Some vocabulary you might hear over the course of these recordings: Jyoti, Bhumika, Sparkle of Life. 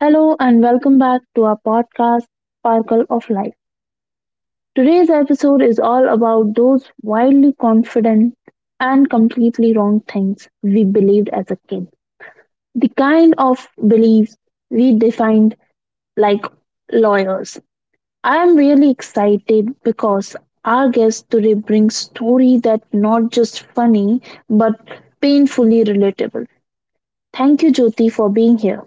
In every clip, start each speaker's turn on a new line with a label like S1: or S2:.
S1: Hello and welcome back to our podcast, Sparkle of Life. Today's episode is all about those wildly confident and completely wrong things we believed as a kid. The kind of beliefs we defined like lawyers. I am really excited because our guest today brings story that not just funny but painfully relatable. Thank you Jyoti for being here.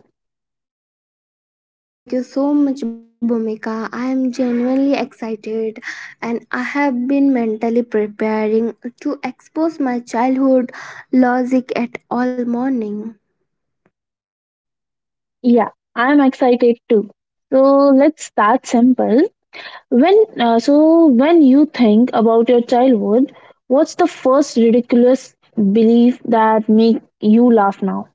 S2: Thank you so much, Bhumika. I am genuinely excited and I have been mentally preparing to expose my childhood logic at all morning.
S1: Yeah, I'm excited too. So let's start simple. When you think about your childhood, what's the first ridiculous belief that make you laugh now?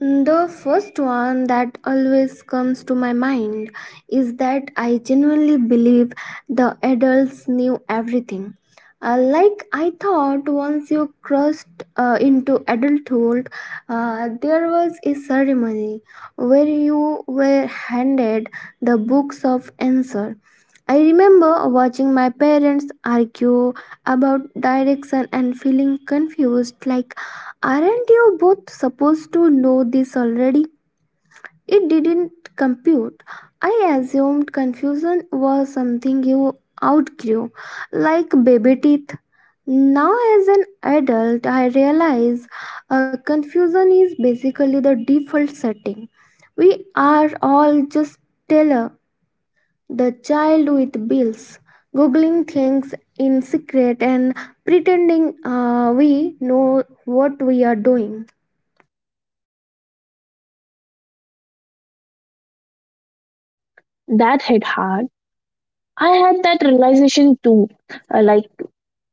S2: The first one that always comes to my mind is that I genuinely believe the adults knew everything. Like I thought, once you crossed into adulthood, there was a ceremony where you were handed the books of answer. I remember watching my parents argue about direction and feeling confused like, aren't you both supposed to know this already? It didn't compute. I assumed confusion was something you outgrew, like baby teeth. Now, as an adult, I realize confusion is basically the default setting. We are all just stellar the child with bills, googling things in secret and pretending we know what we are doing.
S1: That hit hard. I had that realization too, like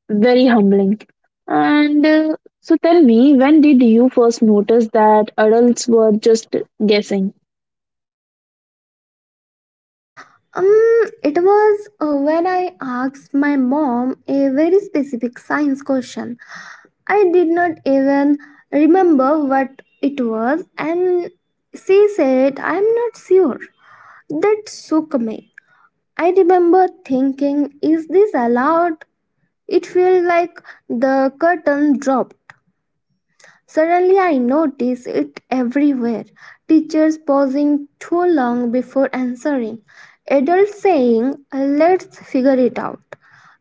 S1: very humbling. And so tell me, when did you first notice that adults were just guessing?
S2: Um, it was when I asked my mom a very specific science question. I did not even remember what it was, and she said, I'm not sure. That shook me. I remember thinking, is this allowed? It felt like the curtain dropped. Suddenly, I notice it everywhere, teachers pausing too long before answering, adults saying, let's figure it out.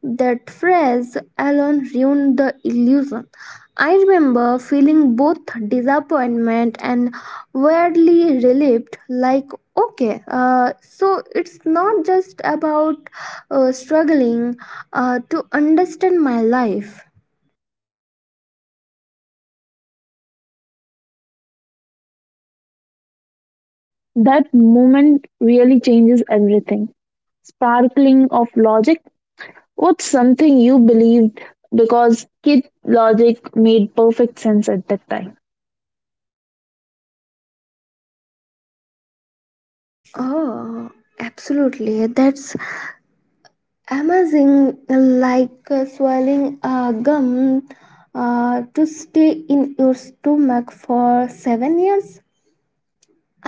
S2: That phrase alone ruined the illusion. I remember feeling both disappointment and weirdly relieved like, okay, so it's not just about struggling to understand my life.
S1: That moment really changes everything. Sparkling of logic. What's something you believed because kid logic made perfect sense at that time?
S2: Oh, absolutely. That's amazing, like swallowing a gum to stay in your stomach for 7 years.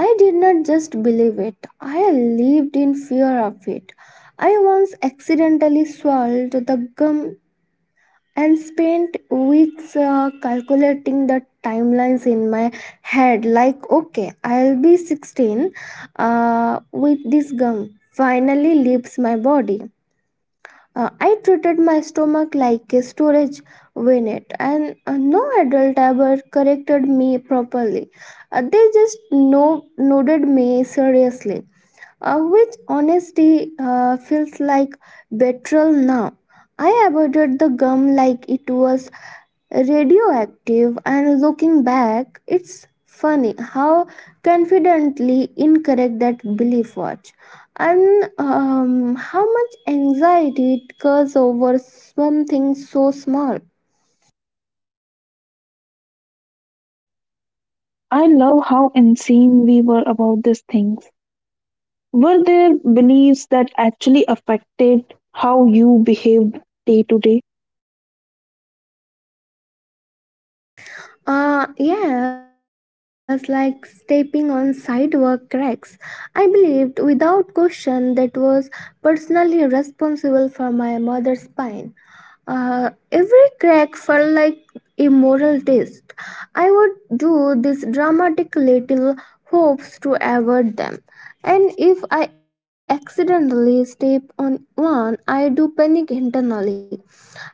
S2: I did not just believe it, I lived in fear of it. I once accidentally swallowed the gum and spent weeks calculating the timelines in my head like, okay, I'll be 16 with this gum finally leaves my body. I treated my stomach like a storage unit, and no adult ever corrected me properly. They just nodded me seriously, which honesty feels like betrayal now. I avoided the gum like it was radioactive, and looking back, it's funny how confidently incorrect that belief was, and how much anxiety it caused over something so small.
S1: I love how insane we were about these things. Were there beliefs that actually affected how you behaved day to day?
S2: Yes, like stepping on sidewalk cracks. I believed without question that was personally responsible for my mother's pain. Every crack felt like a moral test. I would do these dramatic little hopes to avoid them. And if I accidentally step on one, I do panic internally.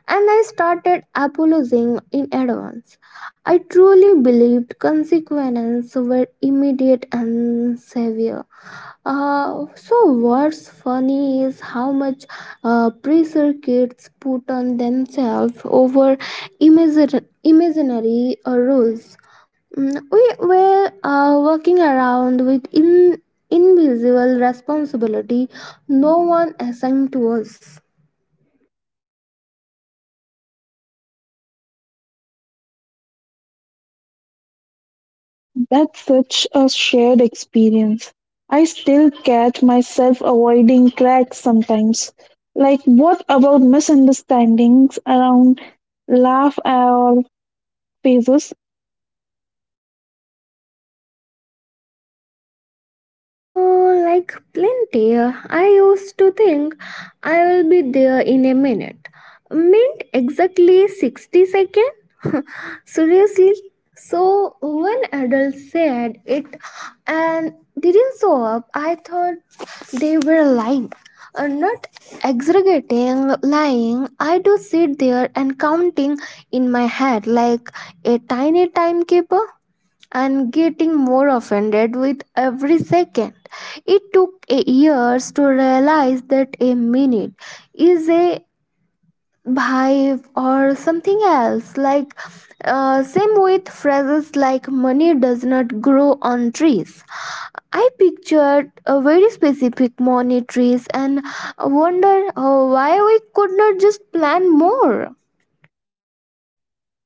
S2: And I started apologizing in advance. I truly believed consequences were immediate and severe. So, what's funny is how much pressure kids put on themselves over imaginary rules. Mm, we were walking around with invisible responsibility no one assigned to us.
S1: That's such a shared experience. I still catch myself avoiding cracks sometimes. Like, what about misunderstandings around laugh or phases
S2: Oh, like plenty. I used to think, I will be there in a minute, meant exactly 60 seconds? Seriously? So, when adult said it and didn't show up, I thought they were lying. Not exaggerating, lying. I do sit there and counting in my head like a tiny timekeeper and getting more offended with every second. It took a years to realize that a minute is a vibe or something else. Like, same with phrases like money does not grow on trees. I pictured a very specific money trees and wondered why we could not just plan more.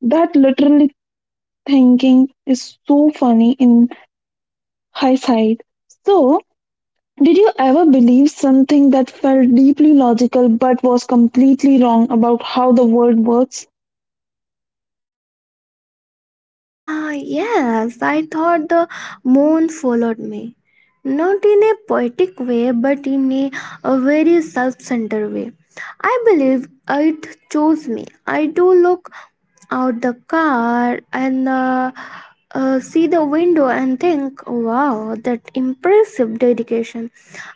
S1: that literally thinking is so funny in hindsight. So, did you ever believe something that felt deeply logical but was completely wrong about how the world works?
S2: Ah, yes, I thought the moon followed me. Not in a poetic way, but in a very self centered way. I believe it chose me. I do look out the car and see the window and think, wow, that impressive dedication.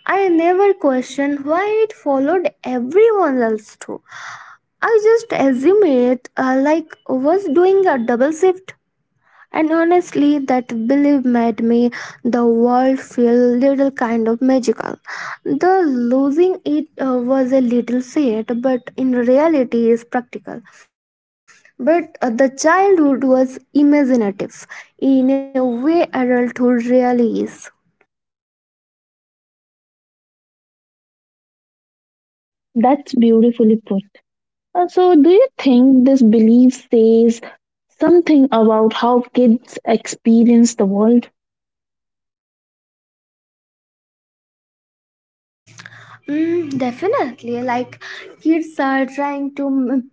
S2: I never question why it followed everyone else too. I just assume it like was doing a double shift, and honestly, that belief made me the world feel little kind of magical. The losing it was a little sad, but in reality is practical. But the childhood was imaginative in a way adulthood really is.
S1: That's beautifully put. So, do you think this belief says something about how kids experience the world?
S2: Mm, definitely. Like kids are trying to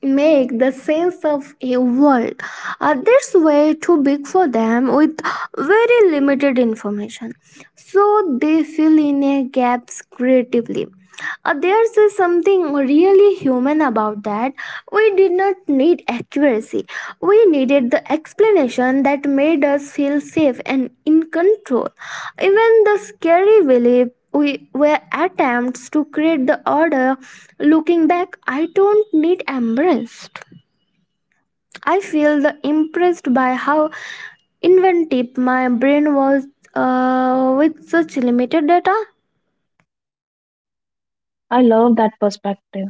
S2: make the sense of a world that's way too big for them with very limited information. So they fill in a gaps creatively. There's something really human about that. We did not need accuracy. We needed the explanation that made us feel safe and in control. Even the scary belief we were attempts to create the order. Looking back, I don't need embraced. I feel the impressed by how inventive my brain was with such limited data.
S1: I love that perspective.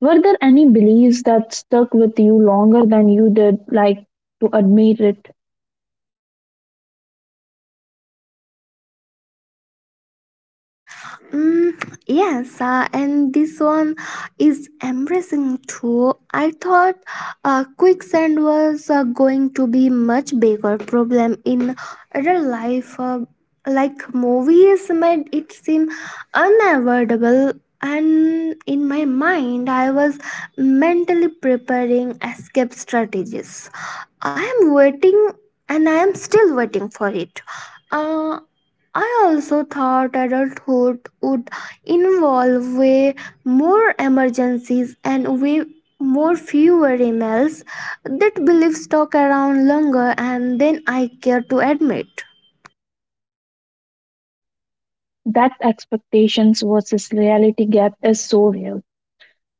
S1: Were there any beliefs that stuck with you longer than you did like to admit it?
S2: Mm, yes, and this one is embracing too. I thought quicksand was going to be much bigger problem in real life. Like movies made it seem unavoidable, and in my mind, I was mentally preparing escape strategies. I am waiting, and I am still waiting for it. Uh, I also thought adulthood would involve way more emergencies and way more fewer emails. That belief stuck around longer and than I care to admit.
S1: That expectations versus reality gap is so real.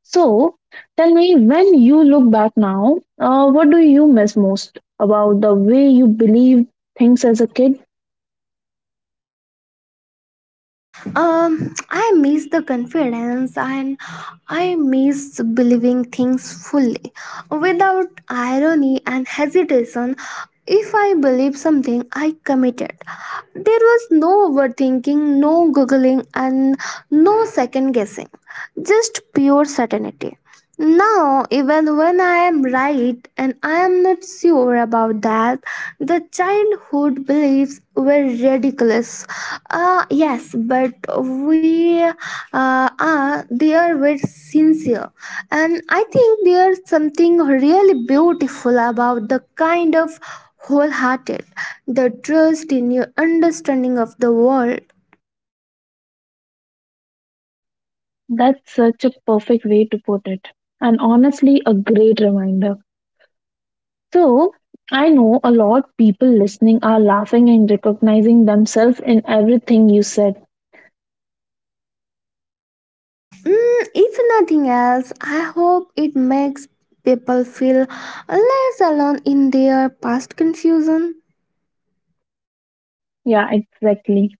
S1: So, tell me, when you look back now, what do you miss most about the way you believed things as a kid?
S2: I miss the confidence and I miss believing things fully without irony and hesitation. If I believe something, I committed. There was no overthinking, no googling, and no second guessing, just pure certainty. Now, even when I am right, and I am not sure about that, the childhood beliefs were ridiculous. Yes, but we are there were sincere, and I think there's something really beautiful about the kind of wholehearted, the trust in your understanding of the world.
S1: That's such a perfect way to put it, and honestly, a great reminder. So, I know a lot people listening are laughing and recognizing themselves in everything you said.
S2: Mm, if nothing else, I hope it makes people feel less alone in their past confusion.
S1: Yeah, exactly.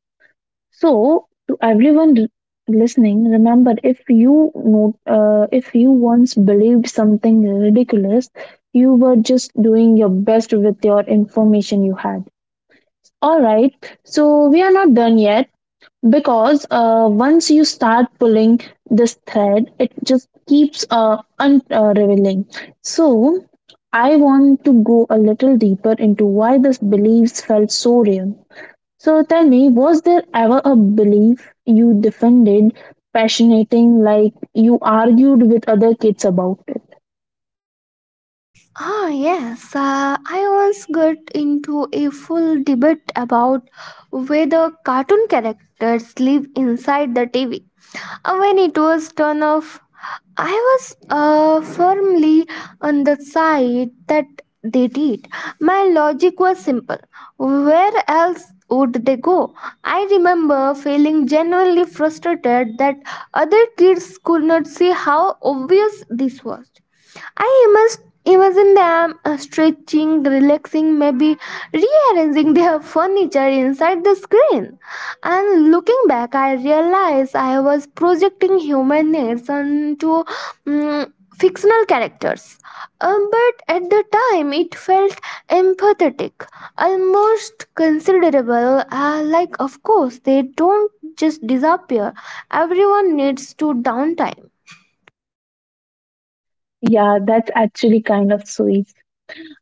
S1: So, to everyone listening, remember if you once believed something ridiculous, you were just doing your best with your information you had. All right, so we are not done yet because once you start pulling this thread, it just keeps revealing. So, I want to go a little deeper into why these beliefs felt so real, so tell me, was there ever a belief you defended passionating like you argued with other kids about it?
S2: Ah, yes. I once got into a full debate about whether cartoon characters live inside the TV. When it was turned off, I was firmly on the side that they did. My logic was simple. Where else would they go? I remember feeling genuinely frustrated that other kids could not see how obvious this was. I must imagine them stretching, relaxing, maybe rearranging their furniture inside the screen. And looking back, I realized I was projecting human needs onto mm, fictional characters. But at the time, it felt empathetic, almost considerable. Like, of course, they don't just disappear, everyone needs to downtime.
S1: Yeah, that's actually kind of sweet.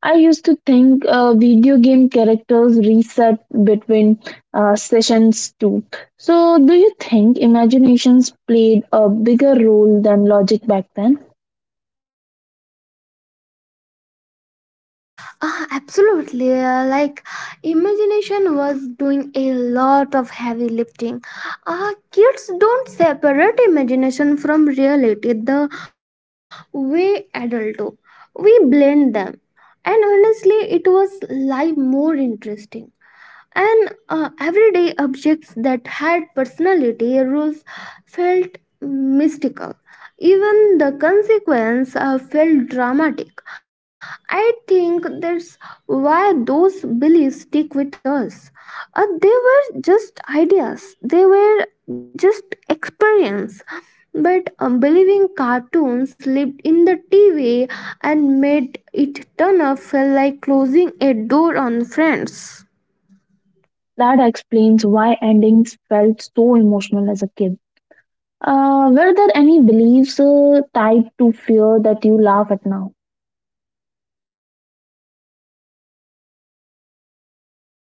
S1: I used to think video game characters reset between sessions too. So, do you think imaginations played a bigger role than logic back then?
S2: Ah, absolutely. Like, imagination was doing a lot of heavy lifting. Ah, kids don't separate imagination from reality the way adults do. We blend them. And honestly, it was life more interesting, and everyday objects that had personality rules felt mystical, even the consequence felt dramatic. I think that's why those beliefs stick with us. They were just ideas, they were just experience. But believing cartoons lived in the TV and made it turn up felt like closing a door on friends.
S1: That explains why endings felt so emotional as a kid. Were there any beliefs tied to fear that you laugh at now?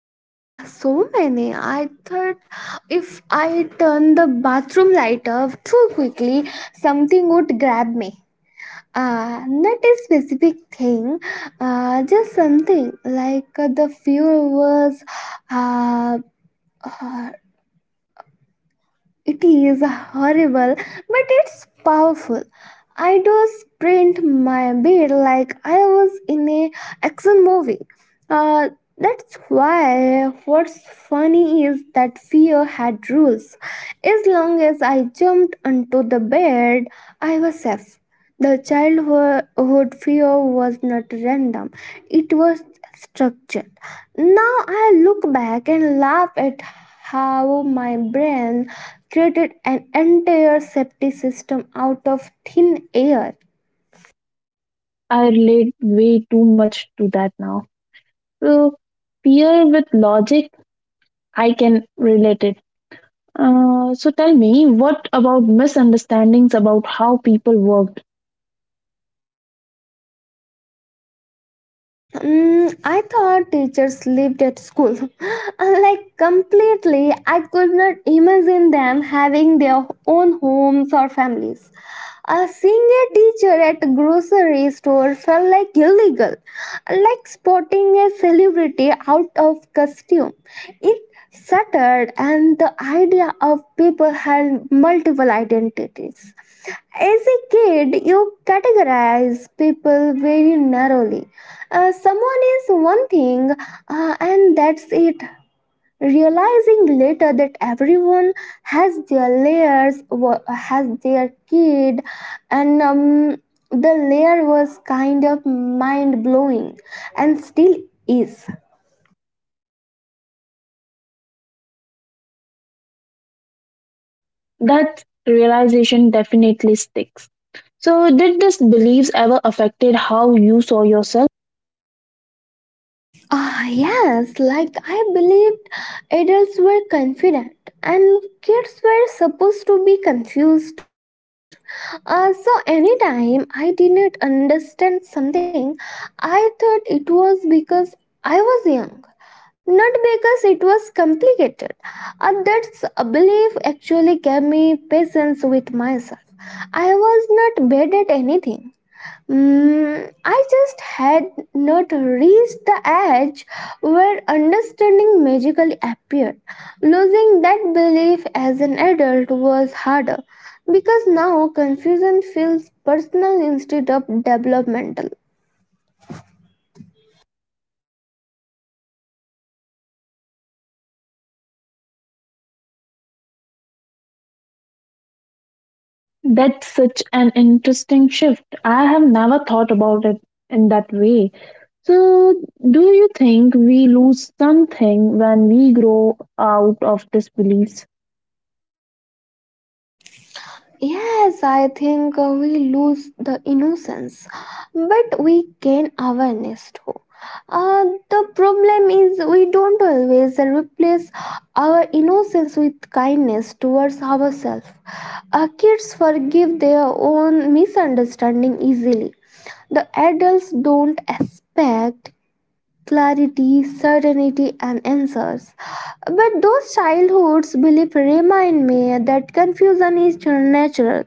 S2: Mm, so many. I thought if I turned the bathroom light off too quickly, something would grab me. Not a specific thing, just something like the fear was uh, it is horrible, but it's powerful. I do sprint my bed like I was in a action movie. Uh, that's why what's funny is that fear had rules. As long as I jumped onto the bed, I was safe. The childhood fear was not random, it was structured. Now I look back and laugh at how my brain created an entire safety system out of thin air.
S1: I relate way too much to that now. So, fear with logic, I can relate it. So, tell me, what about misunderstandings about how people worked?
S2: Mm, I thought teachers lived at school. Like, completely, I could not imagine them having their own homes or families. Seeing a teacher at a grocery store felt like illegal, like spotting a celebrity out of costume. It shattered, and the idea of people had multiple identities. As a kid, you categorize people very narrowly. Someone is one thing, and that's it. Realizing later that everyone has their layers, has their kid, and the layer was kind of mind blowing and still is.
S1: That realization definitely sticks. So, did these beliefs ever affected how you saw yourself?
S2: Ah, yes, like I believed adults were confident and kids were supposed to be confused. So, anytime I didn't understand something, I thought it was because I was young, not because it was complicated. That's a belief actually gave me patience with myself. I was not bad at anything. Mm, I just had not reached the edge where understanding magically appeared. Losing that belief as an adult was harder because now confusion feels personal instead of developmental.
S1: That's such an interesting shift. I have never thought about it in that way. So, do you think we lose something when we grow out of these beliefs?
S2: Yes, I think we lose the innocence, but we gain awareness too. Uh, the problem is we don't always replace our innocence with kindness towards ourselves. Kids forgive their own misunderstanding easily. The adults don't expect clarity, certainty, and answers. But those childhood's beliefs remind me that confusion is natural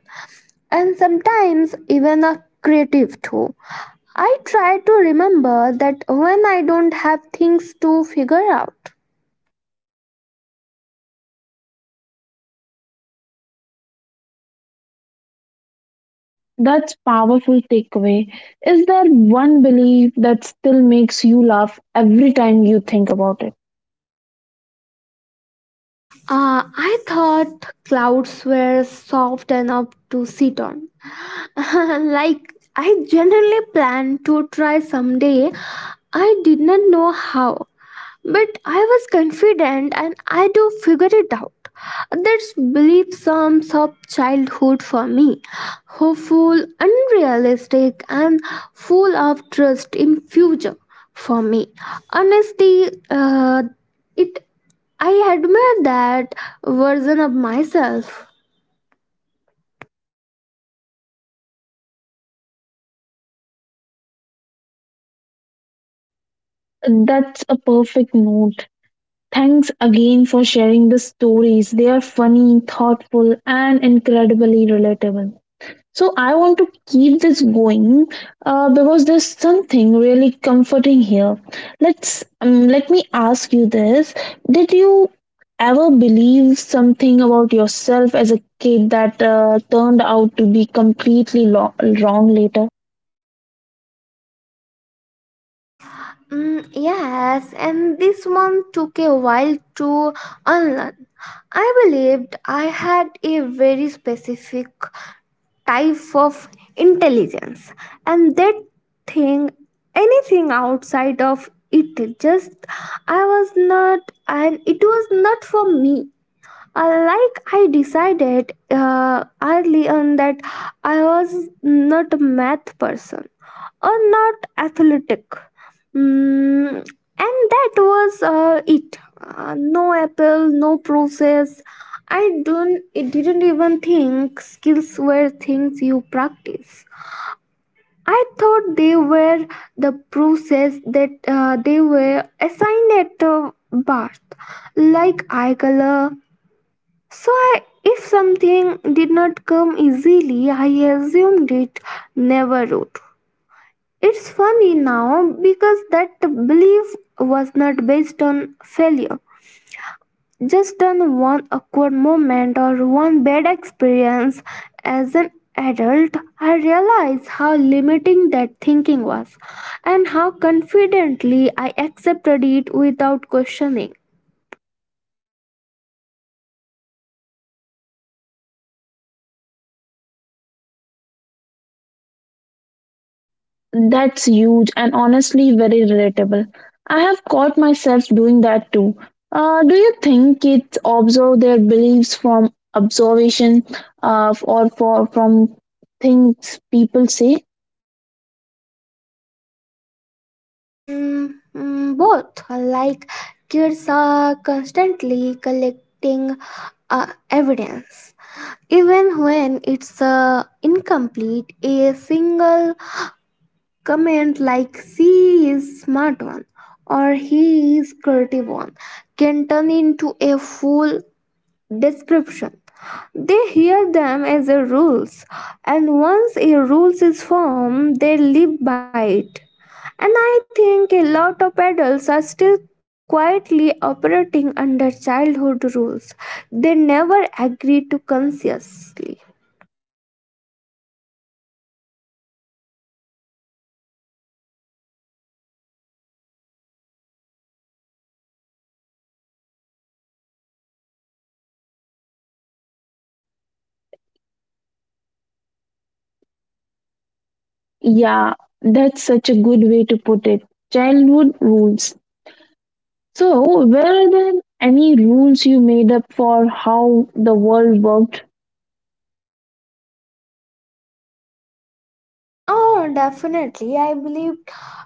S2: and sometimes even a creative too. I try to remember that when I don't have things to figure out.
S1: That's powerful takeaway. Is there one belief that still makes you laugh every time you think about it?
S2: I thought clouds were soft enough to sit on. Like, I generally plan to try someday. I did not know how, but I was confident and I do figure it out. That's belief sums of childhood for me. Hopeful, unrealistic, and full of trust in future for me. Honesty, it I admire that version of myself.
S1: That's a perfect note. Thanks again for sharing the stories. They are funny, thoughtful, and incredibly relatable. So I want to keep this going because there's something really comforting here. Let me ask you this: Did you ever believe something about yourself as a kid that turned out to be completely wrong later?
S2: Mm, yes, and this one took a while to unlearn. I believed I had a very specific type of intelligence, and that thing, anything outside of it, just I was not, and it was not for me. Like I decided early on that I was not a math person or not athletic. Mm, and that was it. No apple, no process. I don't. It didn't even think skills were things you practice. I thought they were the process that they were assigned at birth, like eye color, so, I, if something did not come easily, I assumed it never would. It's funny now because that belief was not based on failure, just on one awkward moment or one bad experience. As an adult, I realized how limiting that thinking was and how confidently I accepted it without questioning.
S1: That's huge and honestly very relatable. I have caught myself doing that too. Do you think kids observe their beliefs from observation from things people say?
S2: Mm, both like kids are constantly collecting evidence even when it's incomplete a single comment like she is smart one or he is creative one can turn into a full description. They hear them as a rules, and once a rules is formed, they live by it. And I think a lot of adults are still quietly operating under childhood rules they never agree to consciously.
S1: Yeah, that's such a good way to put it. Childhood rules. So, were there any rules you made up for how the world worked?
S2: Oh, definitely. I believe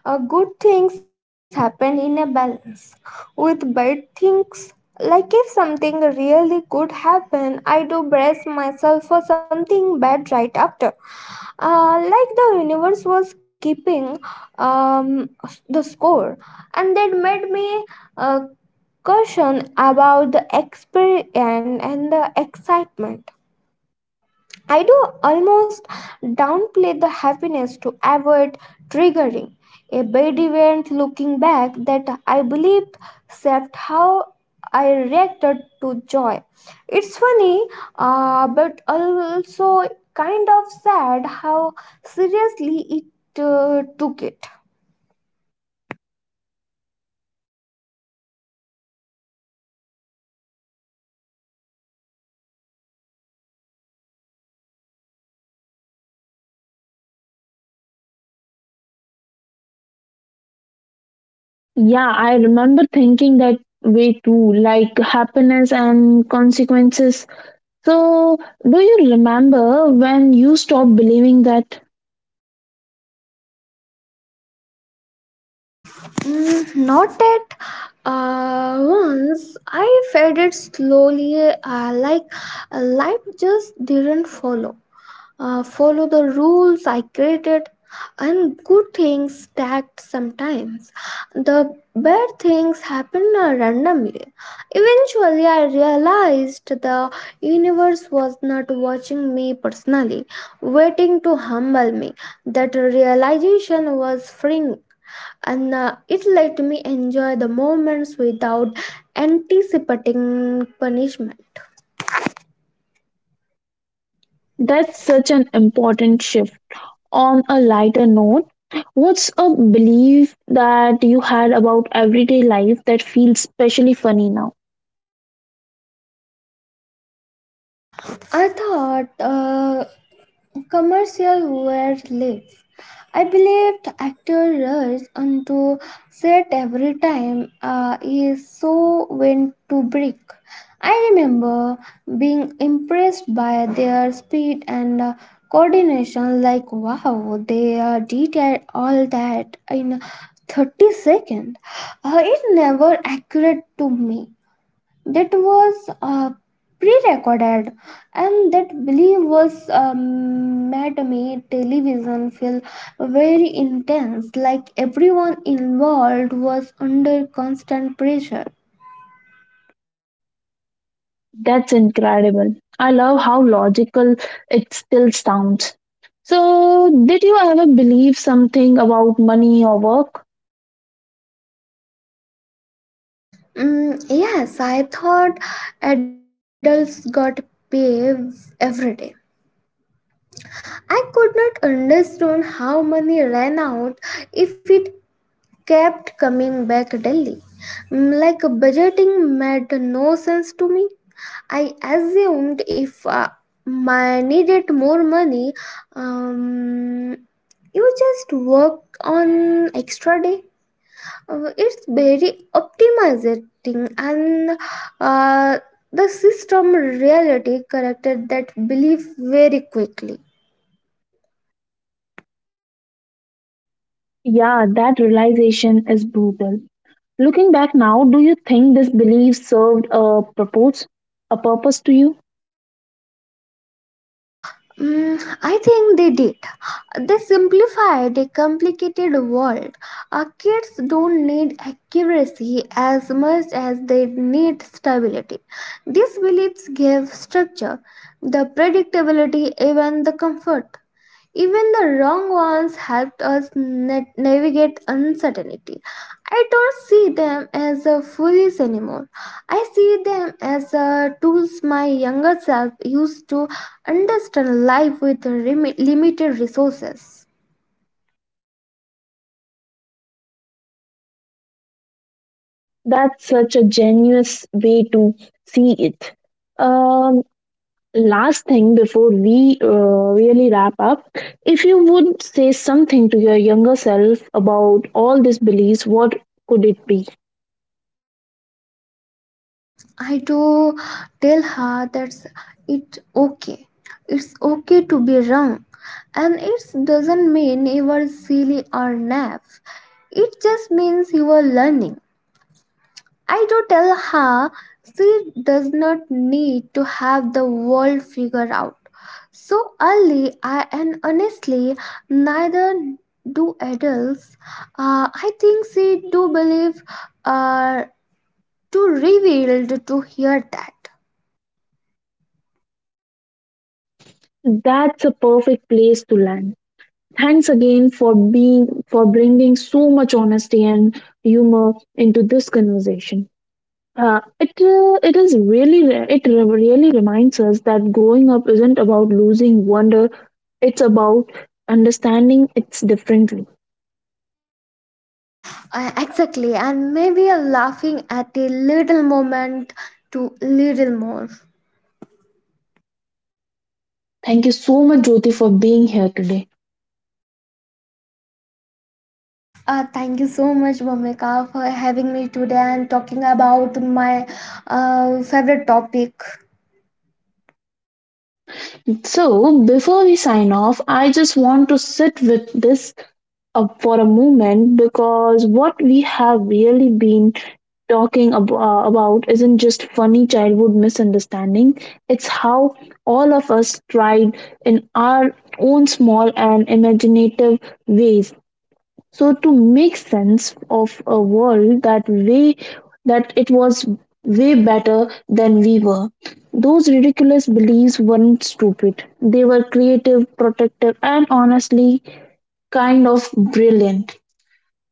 S2: good things happen in a balance with bad things. Like, if something really good happen, I do brace myself for something bad right after. Like, the universe was keeping um, the score, and that made me uh, caution about the experience and the excitement. I do almost downplay the happiness to avoid triggering a bad event looking back that I believed shaped how I reacted to joy. It's funny, but also kind of sad how seriously it took it.
S1: Yeah, I remember thinking that way too, like happiness and consequences. So, do you remember when you stopped believing that?
S2: Mm, not at once. I faded slowly, like life just didn't follow. Follow the rules I created, and good things stacked sometimes. The bad things happen randomly. Eventually, I realized the universe was not watching me personally, waiting to humble me. That realization was freeing and it let me enjoy the moments without anticipating punishment.
S1: That's such an important shift. On a lighter note, what's a belief that you had about everyday life that feels especially funny now?
S2: I thought commercial where lives. I believed actor rushed onto set every time his show went to break. I remember being impressed by their speed and coordination like wow they all that in 30 seconds. It never occurred to me that was pre-recorded and that belief was made me television feel very intense like everyone involved was under constant pressure.
S1: That's incredible. I love how logical it still sounds. So, did you ever believe something about money or work?
S2: Mm, yes, I thought adults got paid every day. I could not understand how money ran out if it kept coming back Delhi. Mm, like budgeting made no sense to me. I assumed if I needed more money, um, you just work on extra day. It's very optimizing and uh, the system reality corrected that belief very quickly.
S1: Yeah, that realization is brutal. Looking back now, do you think this belief served a purpose to you?
S2: Mm, I think they did. They simplified a complicated world. Our kids don't need accuracy as much as they need stability. These beliefs give structure, the predictability, even the comfort. Even the wrong ones helped us navigate uncertainty. I don't see them as a foolish anymore. I see them as tools my younger self used to understand life with limited resources.
S1: That's such a genuous way to see it. Um, Last thing before we really wrap up, if you would say something to your younger self about all these beliefs, what could it be?
S2: I do tell her that it's okay. It's okay to be wrong. And it doesn't mean you are silly or naive. It just means you are learning. I do tell her she does not need to have the world figured out so early, I, and honestly, neither do adults. I think she do believe uh, too revealed to hear that.
S1: That's a perfect place to land. Thanks again for being for bringing so much honesty and humor into this conversation. It is really really reminds us that growing up isn't about losing wonder. It's about understanding it's differently.
S2: Exactly, and maybe a laughing at a little moment to little more.
S1: Thank you so much, Jyoti, for being here today.
S2: Thank you so much, Bhumika, for having me today and talking about my favorite topic.
S1: So, before we sign off, I just want to sit with this for a moment because what we have really been about isn't just funny childhood misunderstanding, it's how all of us tried in our own small and imaginative ways so to make sense of a world that way that it was way better than we were. Those ridiculous beliefs weren't stupid, they were creative, protective, and honestly kind of brilliant.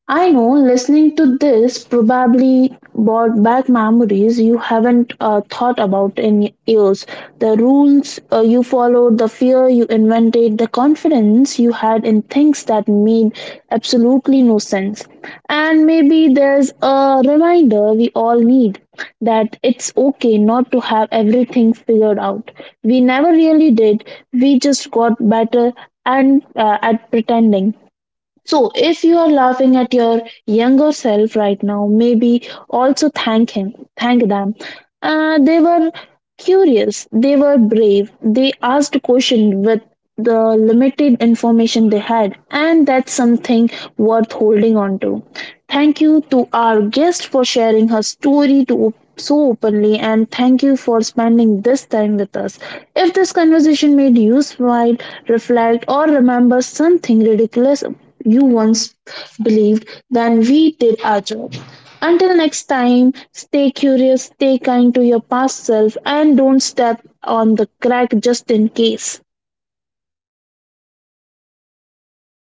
S1: I know listening to this probably brought back memories you haven't thought about in years. The rules you followed, the fear you invented, the confidence you had in things that made absolutely no sense. And maybe there's a reminder we all need that it's okay not to have everything figured out. We never really did, we just got better and at pretending. So, if you are laughing at your younger self right now, maybe also thank him, thank them. They were curious, they were brave, they asked questions with the limited information they had, and that's something worth holding on to. Thank you to our guest for sharing her story to so openly and thank you for spending this time with us. If this conversation made you smile, reflect, or remember something ridiculous you once believed, then we did our job. Until next time, stay curious, stay kind to your past self, and don't step on the crack just in case.